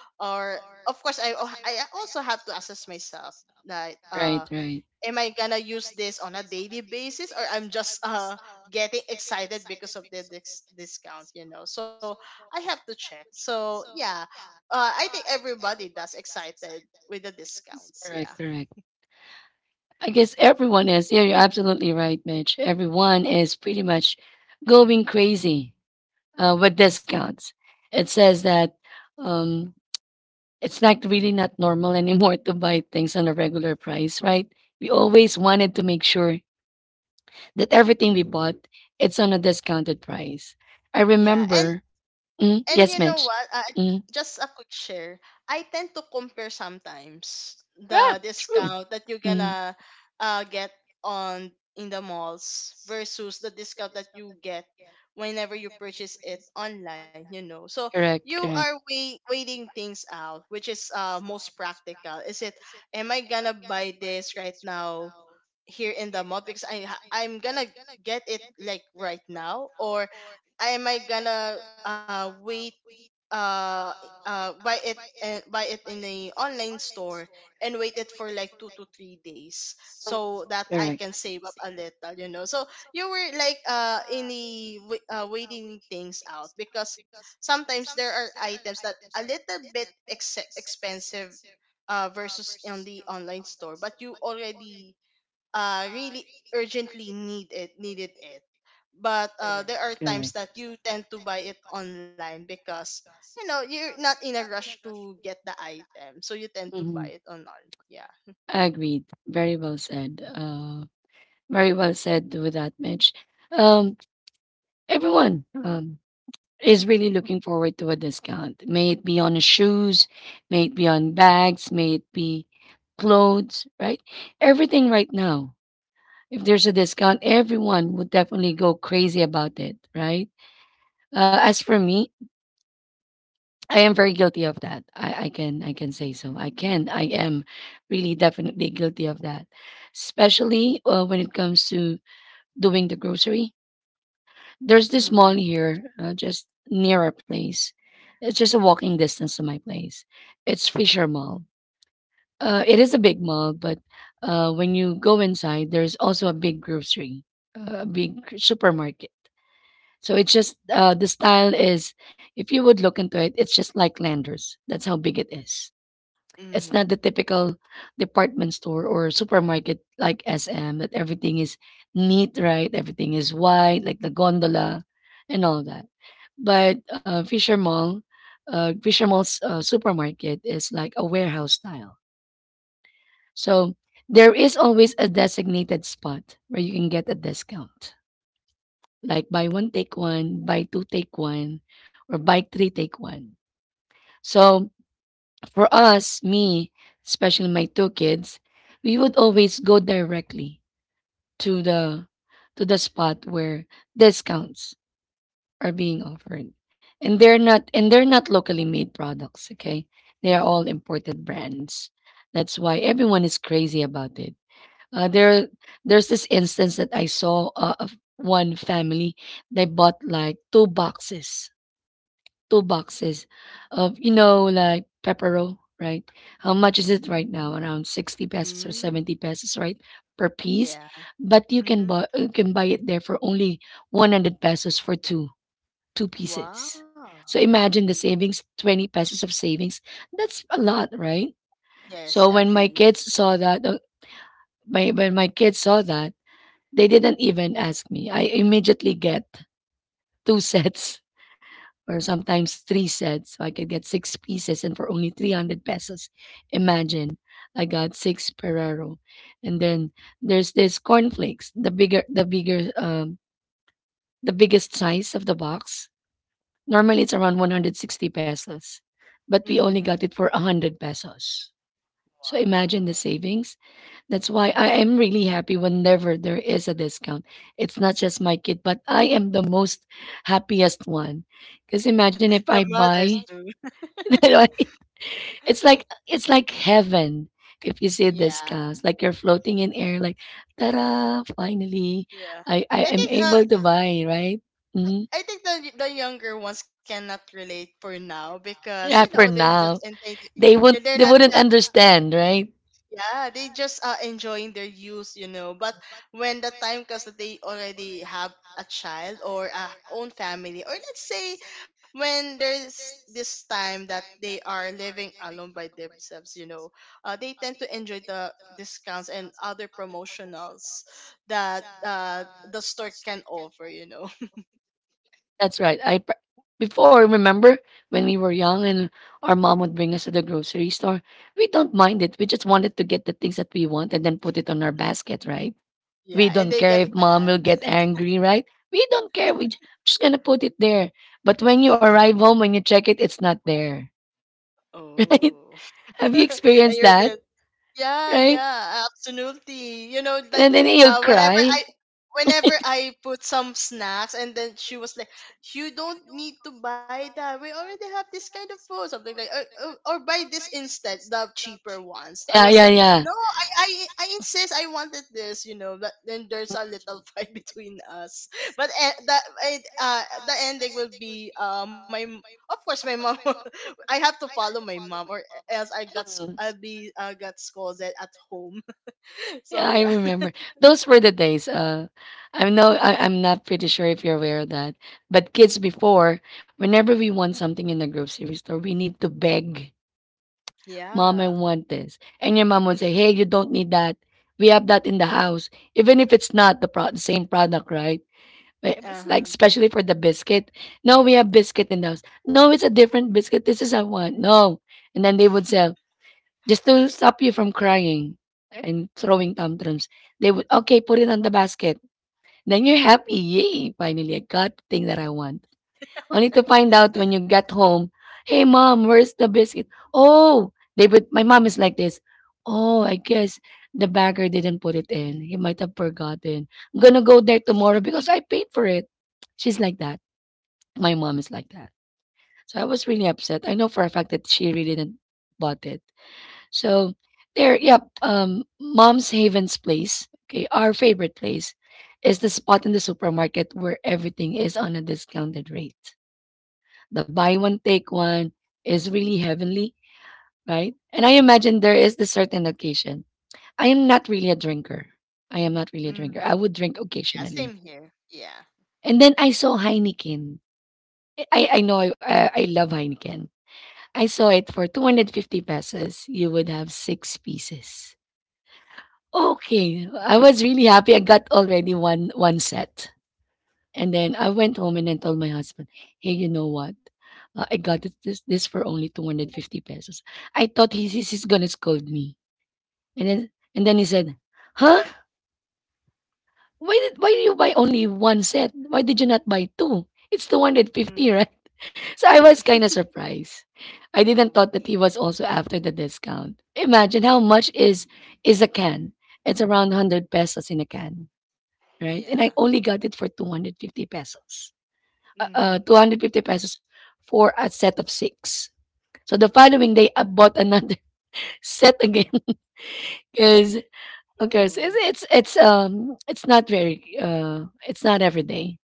Or of course I also have to assess myself that
right, right.
am I gonna use this on a daily basis or I'm just getting excited because of the discount, you know? So I have to check. So yeah, I think everybody does excited with the discounts.
Correct,
Yeah,
correct. I guess everyone is. Yeah, you're absolutely right, Mitch. Everyone is pretty much going crazy with discounts. It says that um, it's not normal anymore to buy things on a regular price, right? We always wanted to make sure that everything we bought, it's on a discounted price. I
yeah, and.
remember. Mm,
And you
yes,
know
Mitch.
what?
Mm,
Just a quick share. I tend to compare sometimes
yeah,
the
true.
discount that you're
Mm,
gonna get on in the malls versus the discount that you get whenever you purchase it online. You know, so
correct,
you are
correct,
waiting things out, which is most practical. Is it? Am I gonna buy this right now here in the mall because I'm gonna get it like right now? Or am I gonna wait uh buy it, and buy it in the online store and wait it for like 2 to 3 days so that I can
correct,
save up a little, you know. So you were like in the waiting things out because sometimes there are items that a little bit expensive versus on the online store, but you already, really urgently needed it. But there are times that
correct.
you tend to buy it online because you know you're not in a rush to get the item, so you tend to
Mhm.
buy it online. Yeah.
Agreed. Very well said. Very well said with that, Mitch. Um, Everyone is really looking forward to a discount. May it be on the shoes, may it be on bags, may it be clothes, right? Everything right now. If there's a discount, everyone would definitely go crazy about it, right? As for me, I am very guilty of that. I can say so. I am really definitely guilty of that, especially when it comes to doing the grocery. There's this mall
Mm-hmm.
here, just near our place. It's just a walking distance to my place. It's Fisher Mall. It is a big mall, but when you go inside, there's also a big grocery, a supermarket. So it's just the style is, if you would look into it, it's just like Landers. That's how big it is. It's not the
Mm-hmm.
typical department store or supermarket like SM that everything is neat, right? Everything is white, like the gondola and all that. But Fisher Mall, Fisher Mall's supermarket is like a warehouse style. So there is always a designated spot where you can get a discount, like buy one, take one, buy two, take one, or buy three, take one. So for us, me, especially my two kids, we would always go directly to the spot where discounts are being offered. And they're not locally made products, okay? They are all imported brands. That's why everyone is crazy about it. Uh, there there's this instance that I saw of one family. They bought like two boxes of, you know, like pepperoni, right? How much is it right now? Around 60 pesos or
Mm-hmm.
70 pesos, right? Per piece.
Yeah.
But
Mm-hmm.
you can buy it there for only 100 pesos for two pieces.
Wow.
So imagine the
Mm-hmm.
savings, 20 pesos of savings. That's a lot, right? So
Yes,
when my
agree.
kids saw that, my when my kids saw that, they didn't even ask me. I immediately get two sets or sometimes three sets. So I could get six pieces and for only 300 pesos. Imagine, I got six Ferrero. And then there's this cornflakes, the biggest size of the box. Normally it's around 160 pesos, but we only got
Mm-hmm.
it for 100 pesos. So imagine the
Wow.
savings. That's why I
Mm-hmm.
am really happy whenever there is a discount. It's not just my kid, but I am the most happiest one. Because imagine if I
The
buy
mothers too.
right? It's like heaven. If you see the
Yeah.
skies, like you're floating in air, like ta-da, finally.
Yeah.
I
i
am
think uh,
able to buy, right? Hmm.
I think the younger ones cannot relate for now because you
Yeah,
know
for
they're just
now.
in. Yeah, they're
They
not
wouldn't understand, right?
yeah, they just, enjoying their youth, you know. But when the time comes that they already have a child or a own family, or let's say when there's this time that they are living alone by themselves, you know, they tend to enjoy the discounts and other promotionals that the store can offer, you know.
That's right. Before, remember when we were young and our mom would bring us to the grocery store, we don't mind it. We just wanted to get the things that we want and then put it on our basket, right? We
Yeah, and
don't
they
care
get
if mom
mad.
will get angry, right? We don't care. We just gonna put it there. But when you arrive home, when you check it, it's not there, right?
Oh.
Have you
And
experienced
you're
that,
the. Yeah,
right?
yeah, absolutely. You know, like,
And then you'll
uh, whenever
cry.
I whenever I put some snacks and then she was like, "You don't need to buy that. We already have this kind of food," something like, or "Buy this instead, the cheaper ones." I
Yeah,
was like,
yeah, yeah.
"No, I insist, I wanted this," you know, but then there's a little fight between us. But the, the ending will be of course my mom. I have to follow my mom or else I'll be, got scolded at home. So
Yeah, I
yeah.
remember. Those were the days. I know I'm not pretty sure if you're aware of that. But kids before, whenever we want something in the grocery store, we need to beg, "Mom, I
Yeah.
want this." And your mom would say, "Hey, you don't need that. We have that in the house." Even if it's not the same product, right? But if it's like,
Uh-huh.
especially for the biscuit. "No, we have biscuit in the house." "No, it's a different biscuit. This is I want." "No." And then they would say, just to stop you from crying and throwing tantrums, they would, okay, put it on the basket. Then you're happy. Yay. Finally, I got the thing that I want. Only to find out when you get home, "Hey mom, where's the biscuit?" Oh, they would, my mom is like this. "Oh, I guess the bagger didn't put it in. He might have forgotten. I'm gonna go there tomorrow because I paid for it." She's like that. My mom is like that. So I was really upset. I know for a fact that she really didn't bought it. So there, yep, mom's Haven's place. Okay, our favorite place is the spot in the supermarket where everything is on a discounted rate. The buy one take one is really heavenly, right? And I imagine there is the certain occasion. I am not really a drinker. I am not really a drinker.
Hmm.
I would drink
Yeah,
occasionally.
same here. Yeah.
And then I saw Heineken. I know I love Heineken. I saw it for 250 pesos. You would have six pieces. Okay. I was really happy. I got already one set. And then I went home and I told my husband, "Hey, you know what? I this for only 250 pesos." I thought he's gonna scold me, and then and then he said, "Huh? Why did you buy only one set? Why did you not buy two? It's
Mm.
250, right?" So I was kind of surprised. I didn't thought
Mm.
that he was also after the discount. Imagine how much is a can. It's around 100 pesos in a can, right? And I
Yeah.
only got it for 250 pesos.
Mhm.
250 pesos for a set of six. So the following day, I bought another set again because okay, so it's,
Ooh.
it's it's um it's not very it's not every day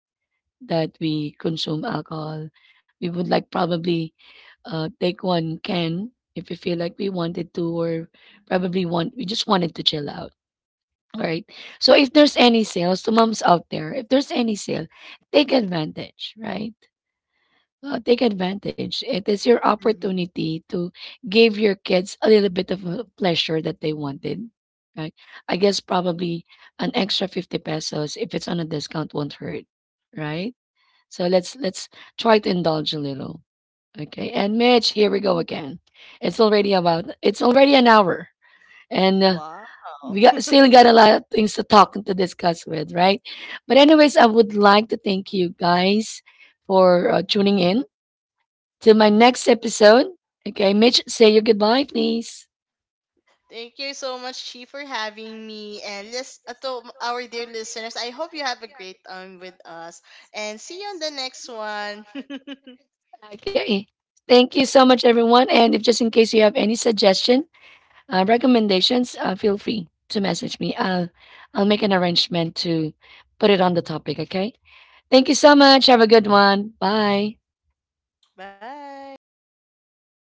that we consume alcohol. We would like probably take one can if we feel like we wanted to, or probably want we just wanted to chill out. All right. So if there's any sales to moms out there, if there's any sale, take advantage, right? Well, take advantage. It is your
Mhm.
opportunity to give your kids a little bit of a pleasure that they wanted, right? I guess probably an extra 50 pesos if it's on a discount won't hurt, right? So let's try to indulge a little. Okay. And Mitch, here we go again. It's already an hour and
Wow.
we still got a lot of things to talk and to discuss with, right? But anyways, I would like to thank you guys for tuning in to my next episode. Okay, Mitch, say your goodbye, please.
Thank you so much, Chi, for having me. And to our dear listeners, I hope you have a great time with us. And see you on the next one.
Okay. Thank you so much, everyone. And if just in case you have any suggestion, recommendations, feel free to message me. I'll make an arrangement to put it on the topic. Okay. Thank you so much. Have a good one. Bye.
Bye.